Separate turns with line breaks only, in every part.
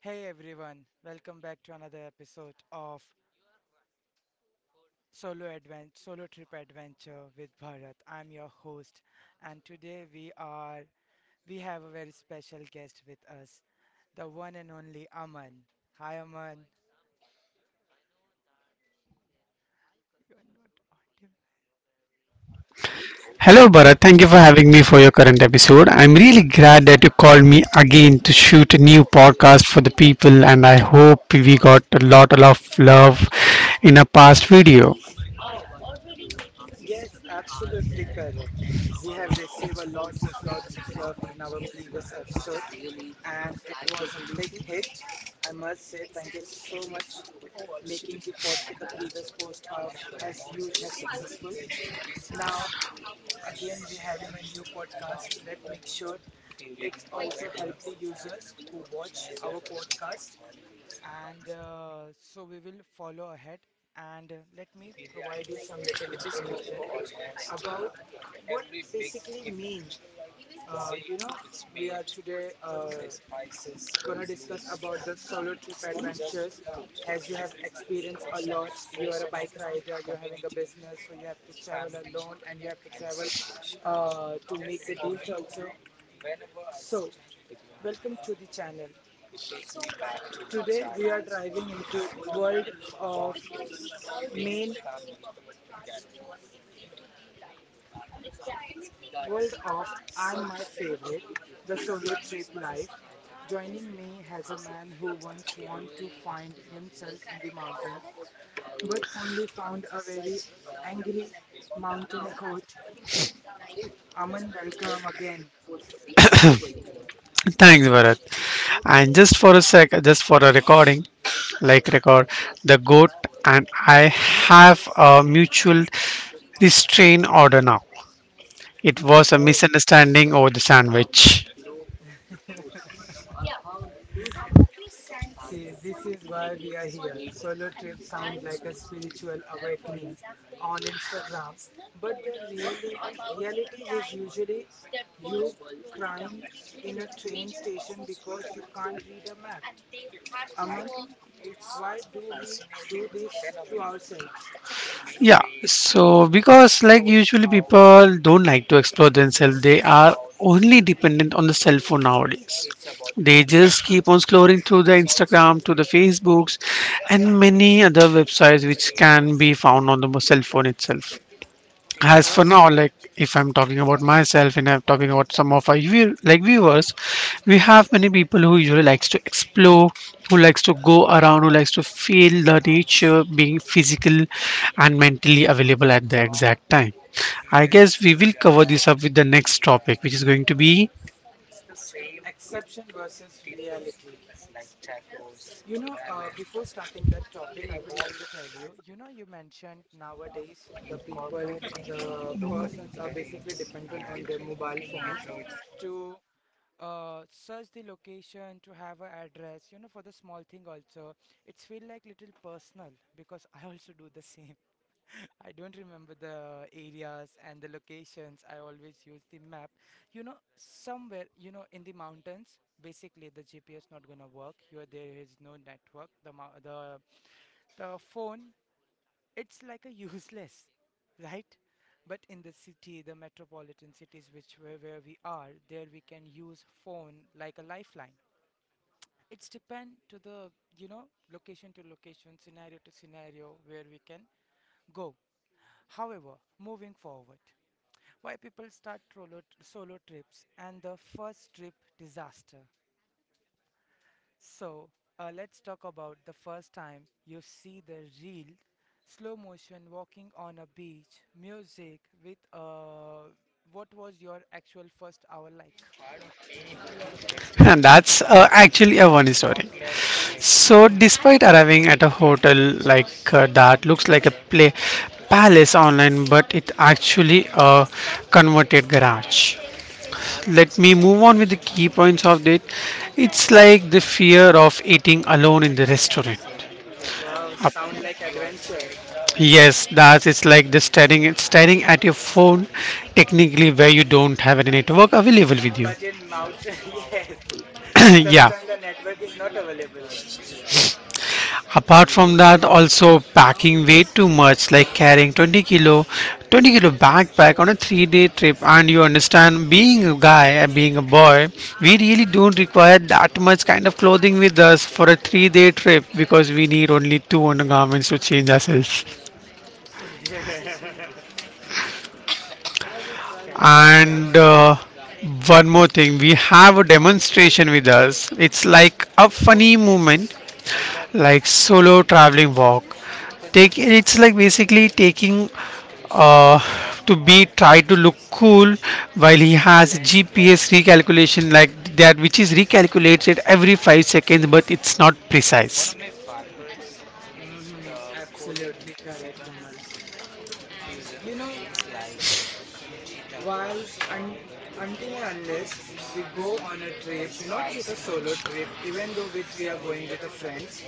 Hey everyone, welcome back to another episode of Solo Advent, Solo Trip Adventure with Bharat. I'm your host and today we are we have a very special guest with us, the one and only Aman. Hi Aman.
Hello, Bharat. Thank you for having me for your current episode. I'm really glad that you called me again to shoot a new podcast for the people, and I hope we got a lot of love in a past video.
Yes, absolutely correct. We have received a lots of love in our previous episode and it was a big hit. I must say thank you so much making the previous podcast has huge has successful. Now, again, we're having a new podcast. Let's make sure it's also help the users who watch our podcast. And so we will follow ahead. And Let me provide you some little information about what basically mean. Uh, you know, we are today. Gonna discuss about the solo trip adventures. As you have experienced a lot, you are a bike rider, you're having a business, so you have to travel alone and you have to travel to make the deals also. So, welcome to the channel. Today we are driving into of main world of I'm my favorite, the solo trip life. Joining me has a man who once wanted to find himself in the mountains but only found a very angry mountain goat. Aman, welcome again.
Thanks, Bharat. And just for a sec, just for a recording, like record, the goat and I have a mutual restraint order now. It was a
Oh,
misunderstanding over the sandwich.
see, this is why we are here. Solo trips sound like a spiritual awakening on Instagram, but reality is usually you crying in a train station because you can't read a map. Aman, why do we do this to ourselves?
Yeah, so because like usually people don't like to explore themselves, they are only dependent on the cell phone nowadays. They just keep on scrolling through the Instagram, to the Facebooks, and many other websites which can be found on the cell phone itself. As for
Oh,
now, like if I'm talking about myself and I'm talking about some of our viewers, we have many people who usually likes to explore, who likes to go around, who likes to feel the nature, being physical and mentally available at the exact time. I guess we will cover this up with the next topic, which is going to be.
exception versus reality. Before starting that topic, I would like to tell you, you mentioned nowadays the persons are basically dependent on their mobile phones to search the location, to have an address, you know, for the small thing also. It's feel like little personal because I also do the same. I don't remember the areas and the locations. I always use the map. You know, somewhere, you know, in the mountains, basically the GPS not gonna work. You are there is no network. The mou- the phone, it's like a useless, right? But in the city, the metropolitan cities, where we are, there we can use phone like a lifeline. It's depend to the, you know, location to location, scenario to scenario where we can go. However, moving forward. Why people start solo trips and the first trip disaster. So, let's talk about the first time you see the real slow motion walking on a beach, music with what was your actual first hour like?
And that's actually a funny story. So, despite arriving at a hotel like that looks like a play palace online, but it actually a converted garage. Let me move on with the key points of it. It's like the fear of eating alone in the restaurant.
Wow,
Uh,
sound like adventure.
Yes, that's it's like the staring at your phone, technically where you don't have any network available with you.
But in Mount, yes, sometimes the network is not available.
Yeah. Apart from that, also packing way too much, like carrying 20 kilo 20-kilo backpack on a 3-day trip. And you understand, being a guy and being a boy, we really don't require that much kind of clothing with us for a 3-day trip because we need only two undergarments to change ourselves. And one more thing, we have a demonstration with us. It's like a funny movement, like solo traveling walk. Take it's like basically taking uh, to be try to look cool while he has GPS recalculation like that, which is recalculated every 5 seconds, but it's not precise.
Mhm, absolutely correct, Aman. You know, while un- until and unless we go on a trip, not with a solo trip, even though with we are going with the friends,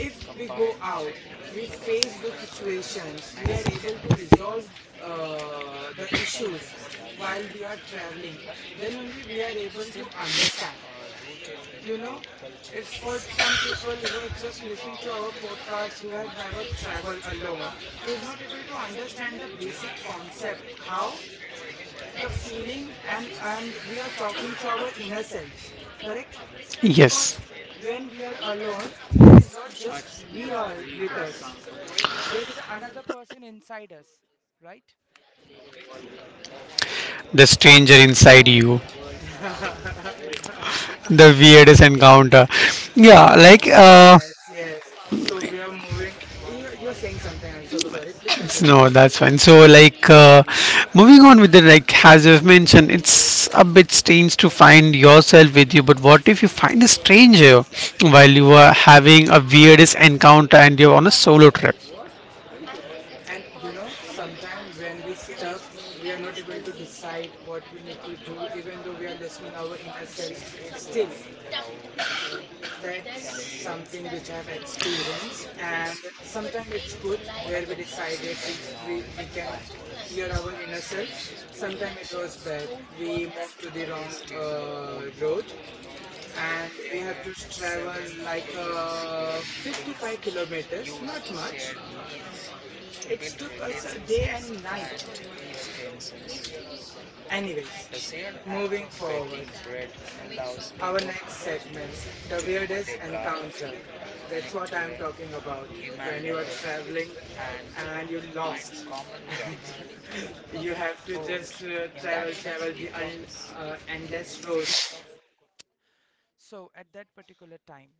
if we go out we face the situations we are able to resolve the issues while we are traveling, then only we are able to understand, you know, if for some people who are just listening to our podcast who have never traveled alone, he is not able to understand the basic concept how the feeling, and we are talking to our inner selves, correct? Because
Yes.
when we are alone, there is not just we are with us, there is another person inside us, right?
The stranger inside you. The weirdest encounter. Yeah, like
Yes, yes, so we are moving. You- you're saying something and so sorry, please continue.
no, that's fine. So, moving on with the, like, as you've mentioned, it's a bit strange to find yourself with you, but what if you find a stranger while you are having a weirdest encounter and you're on a solo trip?
And you know, sometime when we stuck, we are not able to decide what we need to do, even though we are listening our inner selves still. That's something which I have experienced, and sometimes it's good where we decided we s- we can hear our inner selves. Sometimes it was bad. We moved to the wrong road, and we have to travel like 55 kilometers. Not much. It took us a day and night. Anyways, moving forward, our next segment, the weirdest encounter. That's what I'm talking about. When you are traveling and you lost and you have to just travel endless road, so at that particular time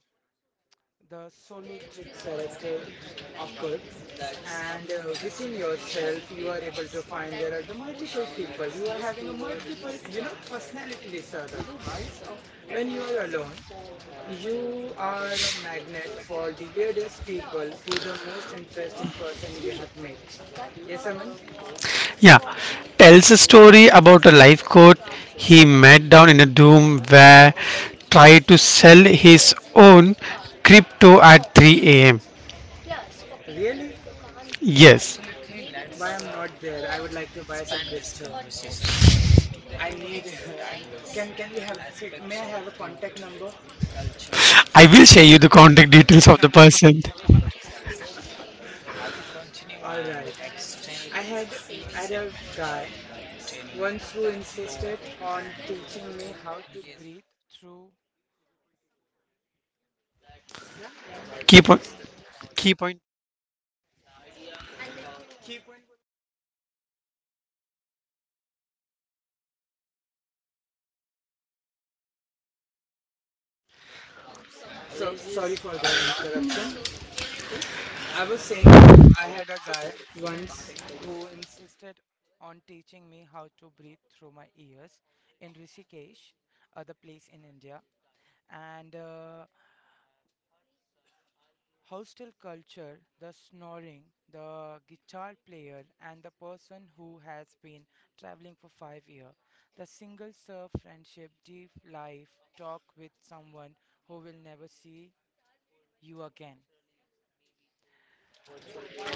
the solo trip character occurred, and within yourself you are able to find there are the multiple people, you are having a multiple, you know, personality disorder. When you are alone you are a magnet for the weirdest people, who the most interesting person you have met. Yes, Aman.
Yeah, tells a story about a life coach he met down in a doom where tried to sell his own crypto at 3 a.m.
Really?
Yes.
Why I'm not there. I would like to buy some crypto. I need. Can we have? May I have a contact number?
I will share you the contact details of the person.
All right. I had I had a guy once who insisted on teaching me how to breathe through.
Key point. Key point.
So sorry for the interruption. I was saying that I had a guy once who insisted on teaching me how to breathe through my ears in Rishikesh, the place in India, and. Hostel culture, the snoring, the guitar player, and the person who has been traveling for 5 years. The single serve friendship, deep life, talk with someone who will never see you again.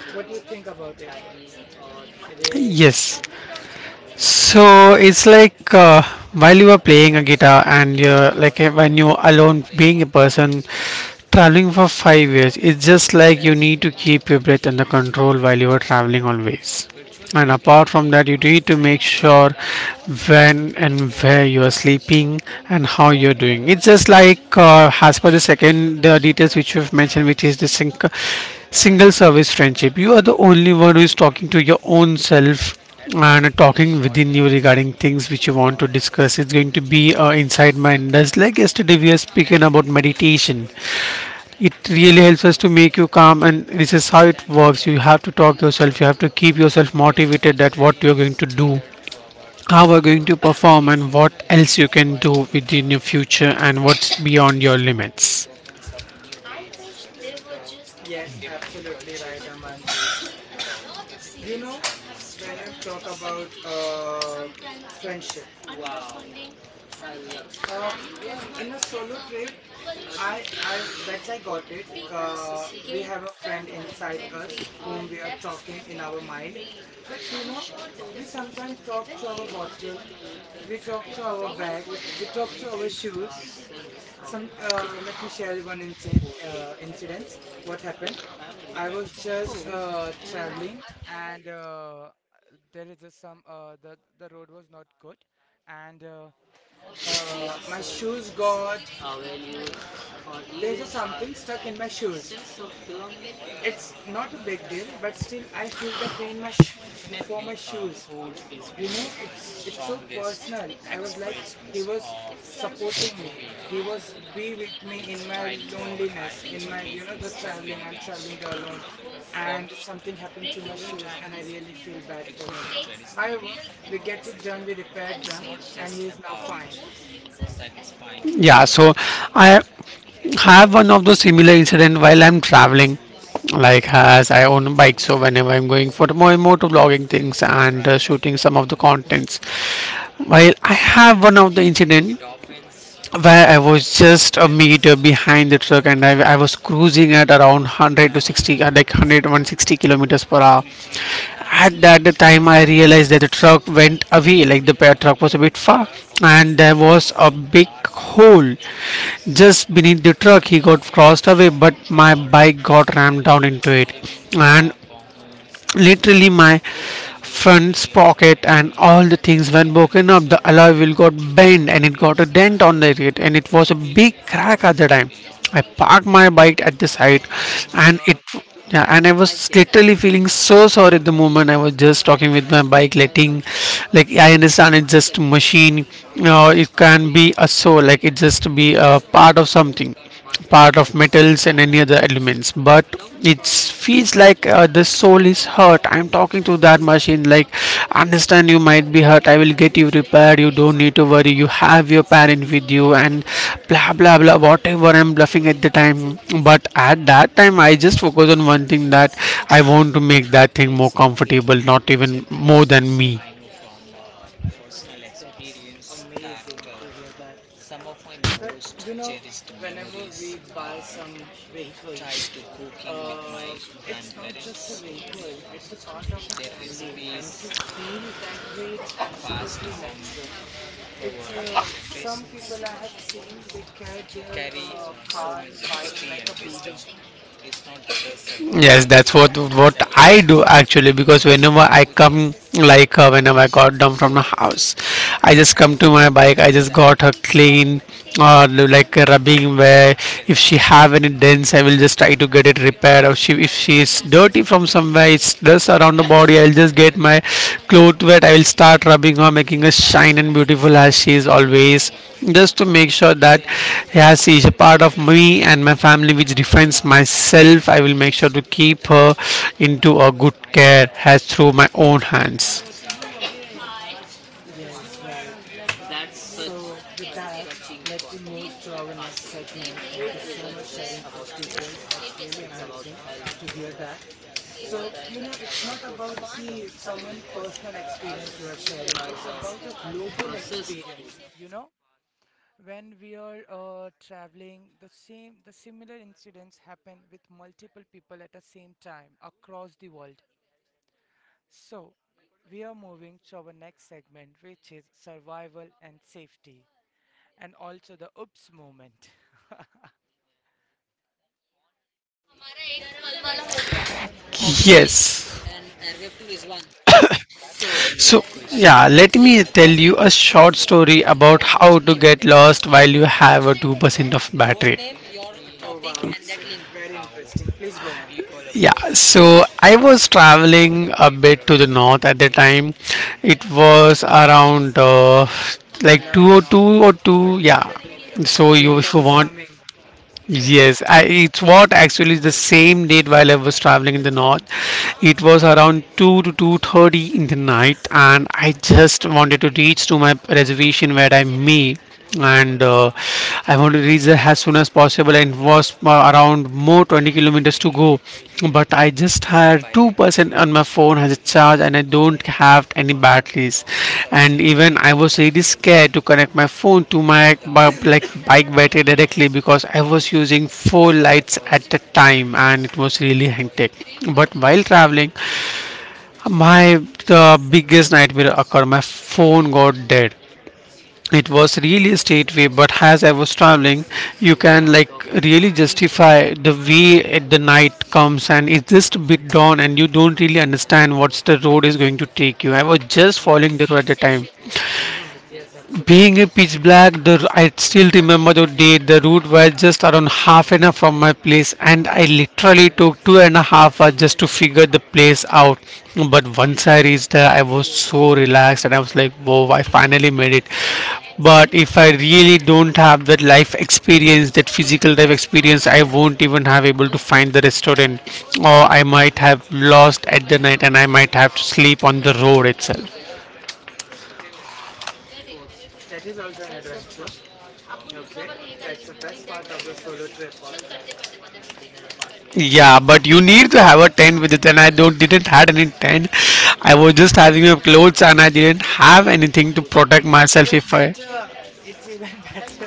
What do you think about it?
Yes. So it's like while you are playing a guitar and you're like when you alone, being a person traveling for 5 years, it's just like you need to keep your breath under control while you are traveling always. And apart from that, you need to make sure when and where you are sleeping and how you're doing. It's just like as per the details which you've mentioned, which is the sink single service friendship. You are the only one who is talking to your own self and talking within you regarding things which you want to discuss. It's going to be inside minders. Like yesterday we are speaking about meditation, it really helps us to make you calm. And this is how it works. You have to talk yourself, you have to keep yourself motivated, that what you're going to do, how we're going to perform, and what else you can do within your future and what's beyond your limits.
Yes, absolutely right, Aman. You know, when you talk about friendship, uh, in a solo trip, that's I got it. We have a friend inside us whom we are talking in our mind, but you know, we sometimes talk to our bottle, we talk to our bag, we talk to our shoes. Some, let me share one incident. What happened? I was just traveling, and there is a, some the road was not good, and my shoes got, there's a something stuck in my shoes. It's not a big deal, but still I feel the pain, for my shoes. You know, it's so personal. I was like, he was supporting me, he was be with me in my loneliness, in my, you know, the traveling, I'm traveling there alone, and something happened to my shoes and I really feel bad for him. However, we get it done, we repaired them, and he is now fine.
Yeah, so I have one of those similar incident while I'm traveling. Like, as I own a bike, so whenever I'm going for more motor vlogging things and shooting some of the contents, while I have one of the incident where I was just a meter behind the truck and I was cruising at around 100 to 60, like 100 160 kilometers per hour. At that time I realized that the truck went away, like the truck was a bit far, and there was a big hole just beneath the truck. He got crossed away, but my bike got rammed down into it. And literally my front pocket and all the things when broken up, the alloy wheel got bent and it got a dent on it, and it was a big crack. At the time, I parked my bike at the side,
Oh my
and it
God,
yeah, and I was literally feeling so sorry at the moment. I was just talking with my bike, letting, like, I understand it's just machine. You know, it can be a soul, like it just be a part of something, part of metals and any other elements, but it feels like the soul is hurt. I'm talking to that machine like, understand, you might be hurt, I will get you repaired, you don't need to worry, you have your parent with you, and blah blah blah, whatever I'm bluffing at the time. But at that time I just focus on one thing, that I want to make that thing more comfortable, not even more than me.
that's amazing to hear that. That, you know, whenever we buy some vehicle, uh it's not just a vehicle, it's a part of a family, and to feel that way it's absolutely natural. It's some people I have seen they care their car, bike, like a baby.
Yes, that's what I do actually, because whenever I come like whenever I got down from the house, I just come to my bike. I just got her clean or like a rubbing, where if she have any dents, I will just try to get it repaired. Or she, if she is dirty from somewhere, it's around the body, I'll just get my cloth wet. I will start rubbing her, making her shine and beautiful as she is always. Just to make sure that, yeah, she is a part of me and my family, which defines myself. I will make sure to keep her into a good care as through my own hands.
Yes, right. So with that, let me move to our next segment. Thank you so much sharing such details, that's really amazing to hear that. So, you know, it's not about the someone personal experience you are sharing. It's about a global experience. You know, when we are traveling, the similar incidents happen with multiple people at the same time across the world. So, we are moving to our next segment, which is survival and safety, and also the oops moment.
Yes.
So,
So yeah, let me tell you a short story about how to get lost while you have a 2% of battery.
oh wow, very interesting. Please go on.
Yeah, so I was traveling a bit to the north at the time. It was around
I
like
love North.
202 or 2, yeah. So you
Winter
if you
is
want,
coming.
yes, I, it's what actually the same date while I was traveling in the north. It was around 2 to 2:30 in the night, and I just wanted to reach to my reservation where I made. And I wanted to reach there as soon as possible, and it was around more 20 kilometers to go, but I just had 2% on my phone as a charge, and I don't have any batteries. And even I was really scared to connect my phone to my bike battery directly, because I was using four lights at the time and it was really hectic. But while traveling, my the biggest nightmare occurred. My phone got dead. It was really a straight way, but as I was traveling, you can, like, really justify the way at the night comes, and it's just a bit dawn and you don't really understand what's the road is going to take you. I was just following the
Yes.
road at the time,
Hmm. Yes,
being
absolutely.
a pitch black. The I still remember the day, the route was just around half an hour from my place, and I literally took 2.5 hours just to figure the place out. But once I reached there, I was so relaxed, and I was like, whoa, I finally made it. But if I really don't have that life experience, that physical life experience, I won't even have able to find the restaurant, or I might have lost at the night and I might have to sleep on the road itself.
That is also an adventure. Okay. That's the best part of the solo trips.
Yeah, but you need to have a tent with it, and I don't didn't had any tent. I was just having my clothes, and I didn't have anything to protect
It's
myself
even
if I.
better. It's even better.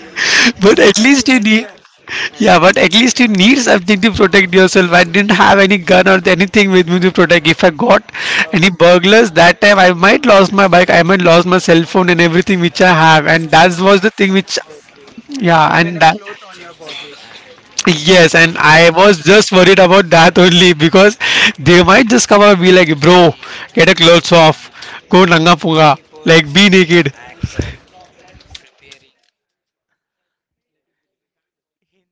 But at
Enjoy the
least you need.
nature.
Yeah, but at least you need something to protect yourself. I didn't have any gun or anything with me to protect. If I got any
Oh,
burglars that time, I might lost my bike. I might lost my cell phone and everything which I have, and that was the
yes,
thing which.
absolutely.
Yeah,
Even a
and that.
cloth on your body.
Yes, and I was just worried about that only, because they might just come up and be like, bro, get a clothes off, go nanga punga, like
Sh-
be naked.
hin-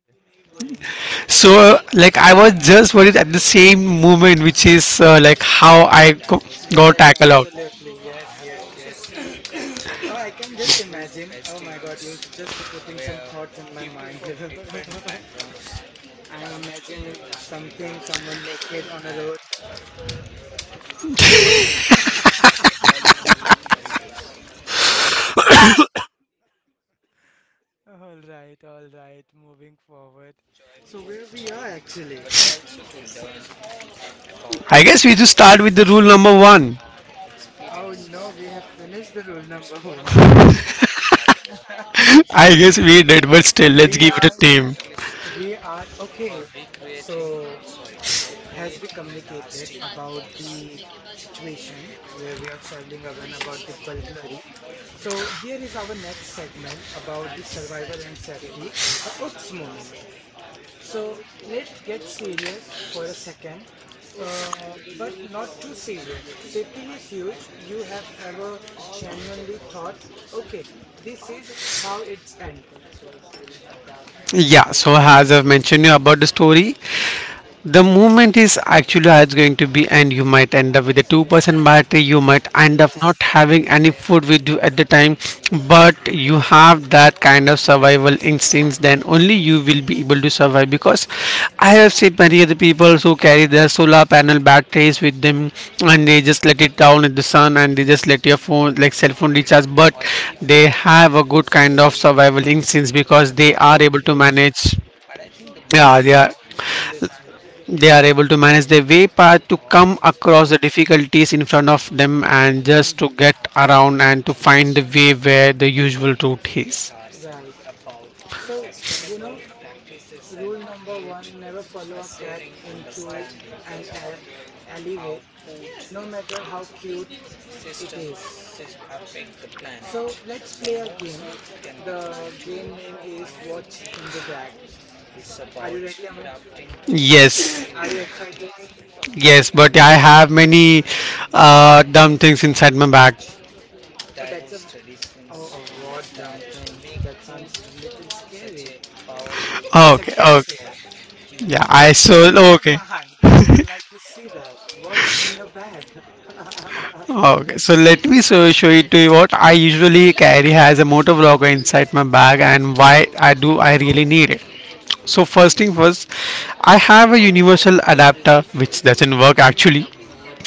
So, like, I was just worried at the same moment, which is like how I got
Yes,
tackled out.
absolutely. Yes, yes, yes. Oh, I can just imagine. Oh my God, you're just putting some thoughts in my mind. I'm imagining something, someone naked on a road. All right, moving forward. So, where we are actually?
I guess we just start with the rule number one.
Oh no, we have finished the rule number one.
I guess we did, but still, let's
We
give it a
are,
name.
we are, okay. So, as we communicated about the situation where we are traveling around about the burglary, so here is our next segment about the survival and safety, the oops moment. So let's get serious for a second, but not too serious. Safety is huge. You have ever genuinely thought, okay, this is how it's end.
Yeah, so as I've mentioned you about the story, the movement is actually how it's going to be, and you might end up with a 2% battery. You might end up not
Yes.
having any food with you at the time, but you have that kind of survival instincts. Then only you will be able to survive because I have seen many other people who carry their solar panel batteries with them and they just let it down in the sun and they just let your phone, like cell phone, recharge. But they have a good kind of survival instincts because they are able to
Okay.
manage. Yeah, they are.
Okay. Understood.
They are able to manage their way path to come across the
Mm-hmm.
difficulties in front of them and just to
Mm-hmm.
get around and to find the way where the usual route is.
Right. So, you know, rule number one, never follow a cat into alleyway, no matter how cute it is. So let's play a game. The game name is What's in the Bag. Are you ready, Aman?
Yes,
Are you excited?
yes, but I have many dumb things inside my bag.
Oh, that's a. Oh, oh, what dumb things. That sounds a little scary and
Okay,
sarcastic.
okay. Yeah, I so
Never
okay.
mind. We would like to see that. What's in your bag? Yeah,
Okay, so let me so show you to you what I usually carry as a motor vlogger inside my bag and why I do I really need it. So first thing first, I have a universal adapter which doesn't work actually.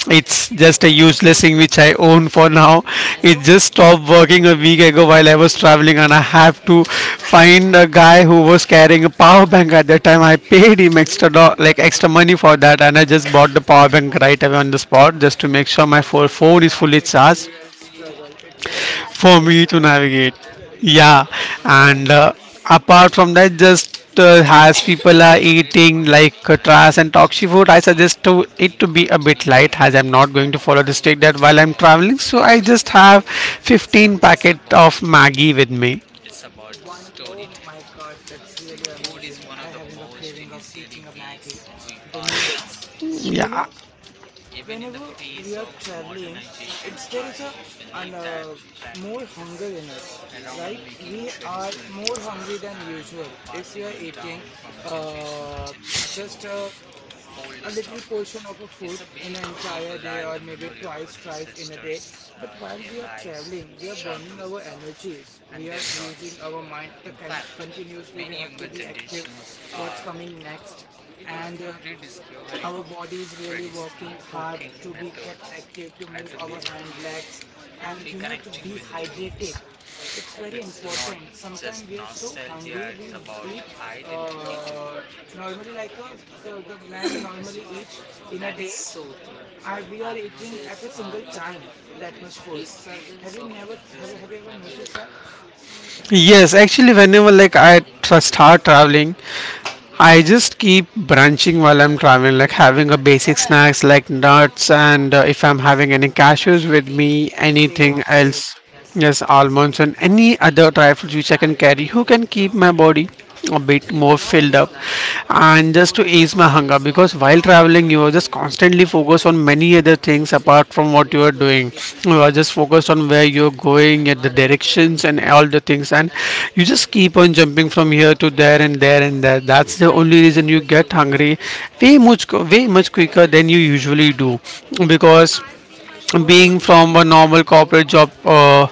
It's just a useless thing which I own for now. It just stopped working a week ago while I was traveling, and I have to find a guy who was carrying a power bank at that time. I paid him extra like extra money for that, and I just bought the power bank right away on the spot just to make sure my phone is fully
it's a
charged
real struggle. It's a real
for
struggle,
me to
bro.
navigate. Yeah, and
Yes.
uh, apart from that, just as people are eating like trash and toxic food, I suggest to it to be a bit light as I'm not going to follow the strict diet while I'm traveling. So I just have 15 packet of Maggie with me.
One, oh my God, that's really amazing. I having a craving of eating a Maggie, the noodles. You know,
Yeah.
whenever we are traveling, it's there is a an more hunger in us, right? We are more hungry than usual. If we are eating uh, just a little portion of a food in an entire day, or maybe twice, thrice in a day. But while we are traveling, we are burning our energies. We are using our mind. Continuously we have to be active. What's coming next? And Our body is really working hard to be get active to move our hand legs, and you know, to be hydrated. It's very important. Sometimes we are so hungry eat uh normally, like, the man normally eat in a day, I we are eating at a single time that much food. Have you never Have you ever noticed that?
Yes, actually, whenever like I start traveling, I just keep brunching while I'm traveling, like having a basic snacks like nuts, and if I'm having any cashews with me,
Same,
anything
same.
else, yes, almonds and any other dry fruits which I can carry, who can keep my body a bit more filled up, and just to ease my hunger. Because while traveling, you are just constantly focused on many other things apart from what you are doing. You are just focused on where you're going at the directions and all the things, and you just keep on jumping from here to there and there and there. That's the only reason you get hungry way much quicker than you usually do, because being from a normal corporate job,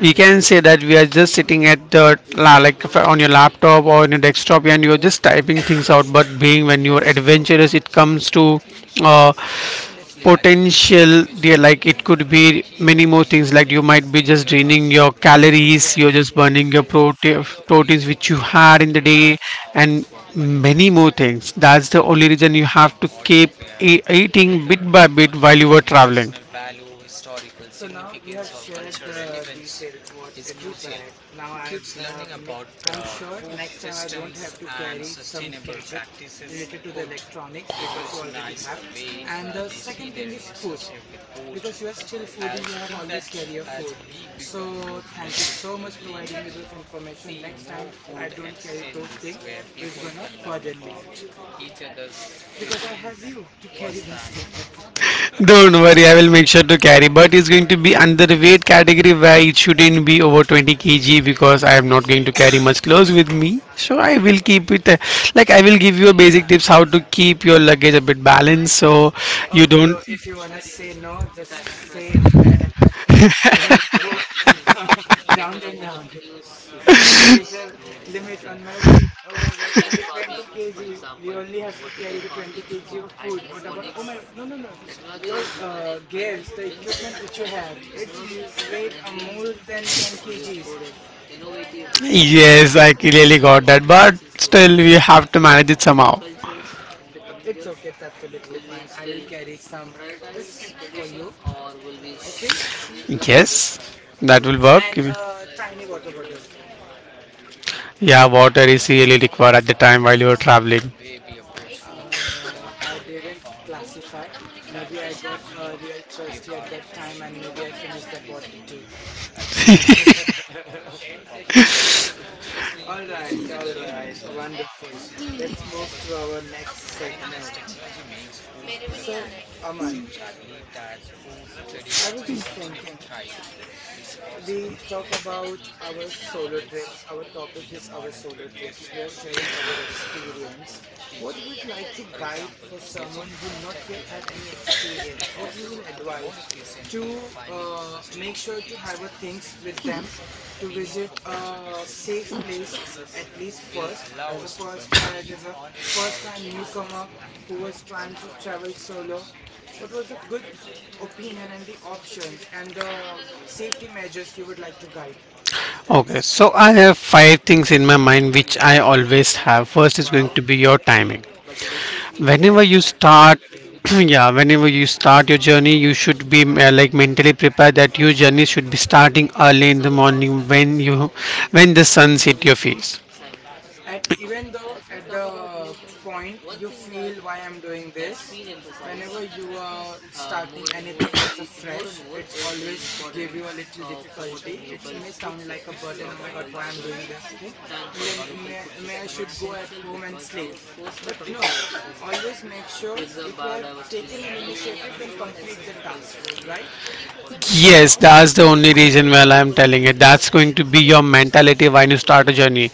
we can say that we are just sitting at the on your laptop or on your desktop and you're just typing things out. But being when you're adventurous it comes to uh, potential there, like it could be many more things. Like you might be just draining your calories,
Yes,
you're just
yes,
burning your
yes.
proteins which you had in the day,
Right.
and many more things. That's the only reason you have to keep eating bit by bit while you were traveling.
So now you have shared the details, what's in your bag. Now I have, I'm sure next time I don't have to carry some gadget related to the electronics because you already have. And the second thing is food. Because you are still foodie, you have always carry your food. So thank you so much providing me those information. Next time I don't carry those things which gonna burden me because I have you to carry those things.
Don't worry, I will make sure to carry. But it's going to be under the weight category where it shouldn't be over 20 kg because I am not going to carry much clothes with me. So I will keep it like I will give you a basic tips how to keep your luggage a bit balanced so
Oh,
you. Okay,
bro, if you
don't.
wanna say no, just say at my face. Don't go round and round. There is a limit on my weight. Oh my God, only 20 kg. We only have to carry the 20 kg of food. What about? Oh my God, no, no, no. Your gears, the equipment which you have, weight are more than 10 kgs, right?
Yes, I clearly got that, but still we have to manage it somehow.
It's okay. It's absolutely fine. I will carry some biscuit for you. Okay,
Yes, that will work.
and a tiny water bottle.
Yeah, water is really required at the time while you are traveling.
I didn't classify. Maybe I got real thirsty at that time, and maybe I finished that water too. All right, wonderful. Let's move to our next segment. So, Aman, I was just thinking, we talk about our solo trips. Our topic is our solo trips. We are sharing our experience. What you would like to guide for someone who not yet have any experience? What you will advise to make sure to have a things with them, to visit a safe place at least first, as a first try, there's a first time newcomer who was trying to travel solo. What was a good opinion and the options and the safety measures you would like to guide?
Okay, so I have five things in my mind which I always have. First is going
Wow.
to be your timing. Whenever
Yes,
you start,
absolutely.
yeah, whenever you start your journey, you should be like mentally prepared that your journey should be starting early in the morning when you when the sun hit your face.
At even though at the point you feel why I'm doing this, whenever you are starting anything as a fresh, it's always give you a little difficulty. It may sound like a burden. Oh my God, why I'm doing this thing? Well, then may I should go at home and sleep. But no, always make sure if you have taken an initiative, then complete the task, right?
Yes, that's the only reason why I'm telling it. That's going to be your mentality when you start a journey.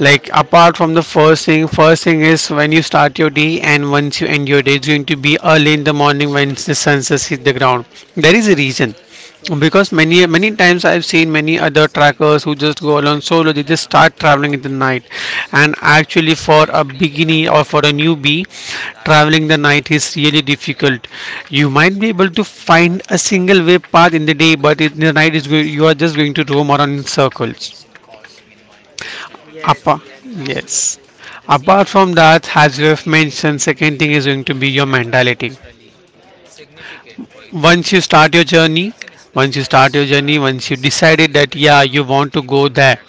Like apart from the first thing is when you start your day and once you end your day, it's going to be early in the morning when the sun sets hit the ground. There is a reason because many times I've seen many other trackers who just go along solo. They just start traveling in the night, and actually for a beginner or for a newbie, traveling the night is really difficult. You might be able to find a single way path in the day, but in the night is go- you are just going to roam around in circles. Yes,
Yes,
Appa,
yes,
yes, yes.
absolutely.
Apart from that, as you have mentioned, second thing is going to be your mentality. Once you start your journey once you start your journey once you decided that yeah you want to go there,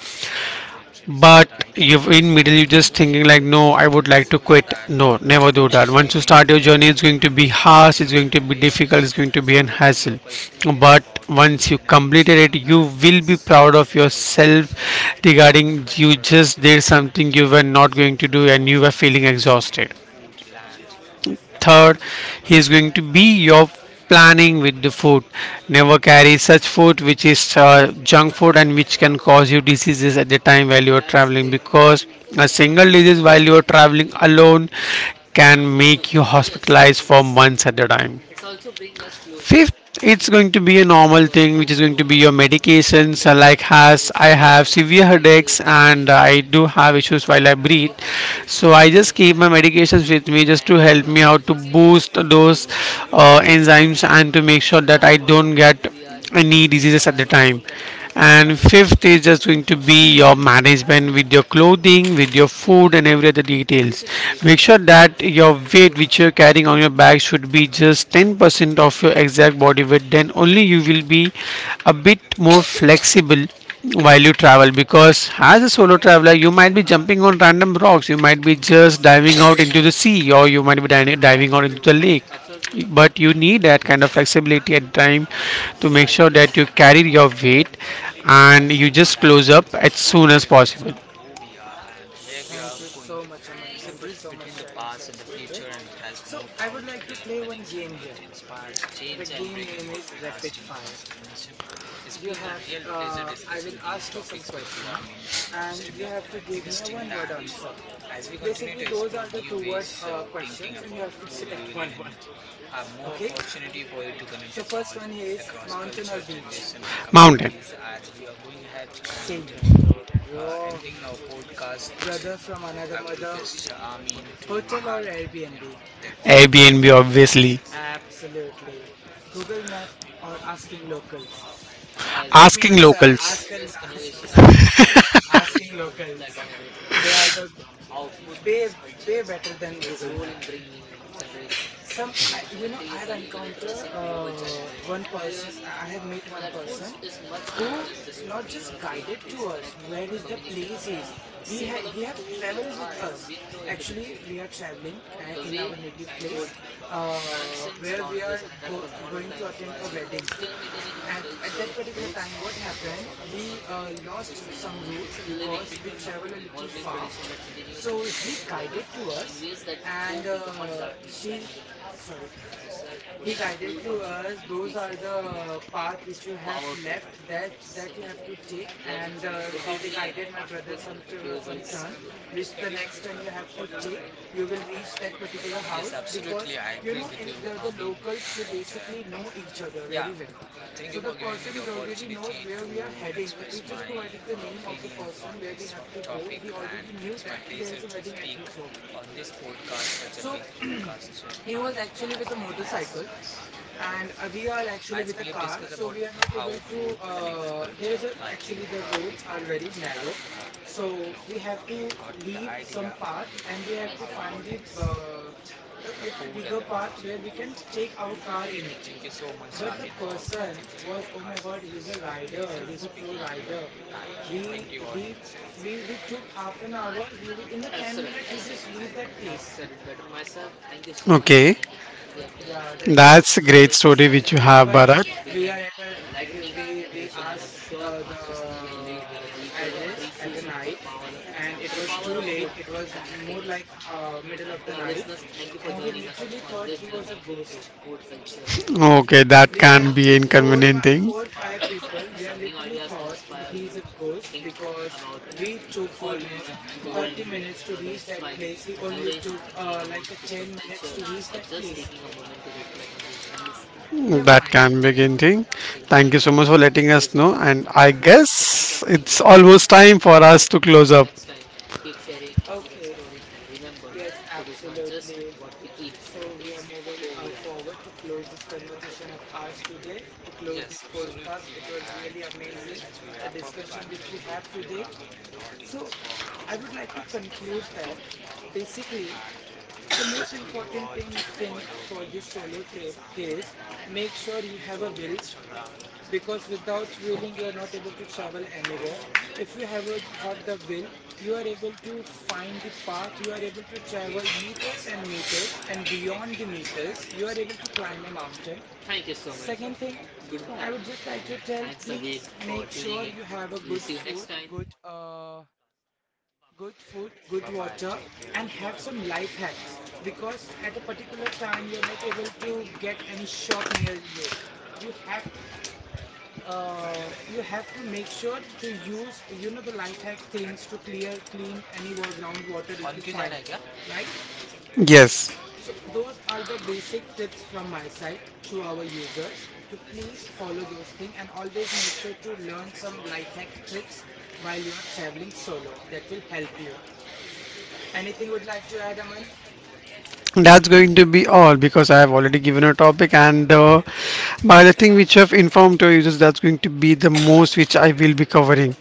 but you in middle you just thinking like no I would like to quit, no never do that. Once you start your journey it's going to be harsh, it's going to be difficult, it's going to be an hassle, but once you completed it you will be proud of yourself, regarding you just did something you were not going to do and you were feeling exhausted. Third, he is going to be your planning with the food. Never carry such food which is junk food and which can cause you diseases at the time while you are traveling, because a single disease while you are traveling alone can make you hospitalized for months at a time. Fifth, it's going to be a normal thing, which is going to be your medications. Like has I have severe headaches and I do have issues while I breathe, so I just keep my medications with me just to help me out to boost those enzymes and to make sure that I don't get knee diseases at the time. And fifth is just going to be your management with your clothing, with your food and every other details. Make sure that your weight which you're carrying on your back should be just 10% of your exact body weight. Then only you will be a bit more flexible while you travel, because as a solo traveler you might be jumping on random rocks, you might be just diving out into the sea or you might be diving out into the lake, but you need that kind of flexibility at time to make sure that you carry your weight and you just close up as soon as possible.
Thank you so much, Aman. Thank you so much sharing such details. So I would like to play one game here. The game name is Rapid Fire. You have, I will ask you some question, and you have to give me a one-word answer. Basically, those are the two-word questions, and you have to select one word. Okay. So first one is mountain or beach.
Mountain.
Same here, bro. Bro, brother from another mother. Hotel or Airbnb?
Airbnb, obviously.
Absolutely. Google Map or asking locals? Let me
Asking
answer.
locals.
Ask, ask asking locals. They are the way, way better than Google Map. Some I you know I have encountered one person. I have met one person who not just guided to us where is the place is. He have traveled with us. Actually, we are traveling and in our native place, where going to attend a wedding at that particular time. What happened, we lost some route because we travel a little far, so he guided to us. And she sorry he guided to us those are the path which you have left, that you have to take. And they guided my brother some to, some turn, which the next turn you have to take, you will reach that particular house. Because you know, in the locals, they basically know each other very well, so the person is already knows where we are heading. Yeah, we just provided the name of the person where we have to go. He already knew that there is a wedding at his home. So he was actually with a motorcycle, and we are actually with a car, so we are not able to there is a actually the roads are very narrow. So we have to leave some path, and we have to find the little bigger path where we can take our car in it. But the person was, oh my god, he's a rider, he's a pro rider. He we took half an hour. In the 10-minute he just reached that place.
Okay,
Yeah, that was
that's a
amazing.
great story which you have,
But
But
we
Bharat.
are at a we asked the address at a night, and it was too late. It was more like middle of the night, and we literally thought he was a ghost.
Sure. Okay, that.
We are four by 4-5 people. We are literally thought he's a ghost, because we took almost 30 minutes to reach that place. He only took like a 10 minutes to reach that place. Never
That
mind.
can be getting. Thank you so much for letting us know. And I guess it's almost time for us to close up.
Okay, yes, absolutely. So we are moving forward to close this conversation of ours today. To close this podcast, it was really amazing, the discussion which we have today. So I would like to conclude that basically the most important thing for this solo trip is make sure you have a will, because without willing you are not able to travel anywhere. If you have a, have the will, you are able to find the path. You are able to travel meters and meters and beyond the meters. You are able to climb a mountain. Second thing, I would just like to tell, please make sure you have a good food, good food, good water, and have some life hacks, because at a particular time you're not able to get any shop near you. You have to you have to make sure to use, you know, the life hack things to clear clean groundwater if you find, right?
Yes,
So those are the basic tips from my side to our users to please follow those things, and always make sure to learn some life hack tricks while you are traveling solo. That will help you. Anything would like to add, Aman?
that's going to be all because I have already given a topic, and by the thing which I've informed to you, that's going to be the most which I will be covering.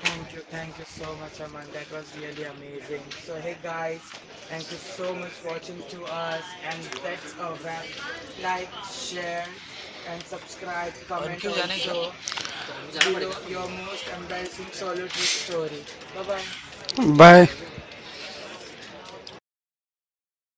Thank you. Thank you so much, Aman. That was really amazing. So, hey guys, thank you so much for watching to us. And that's a wrap. Like, share, and subscribe. Comment also below your most embarrassing solo trip story. Bye bye.
Bye.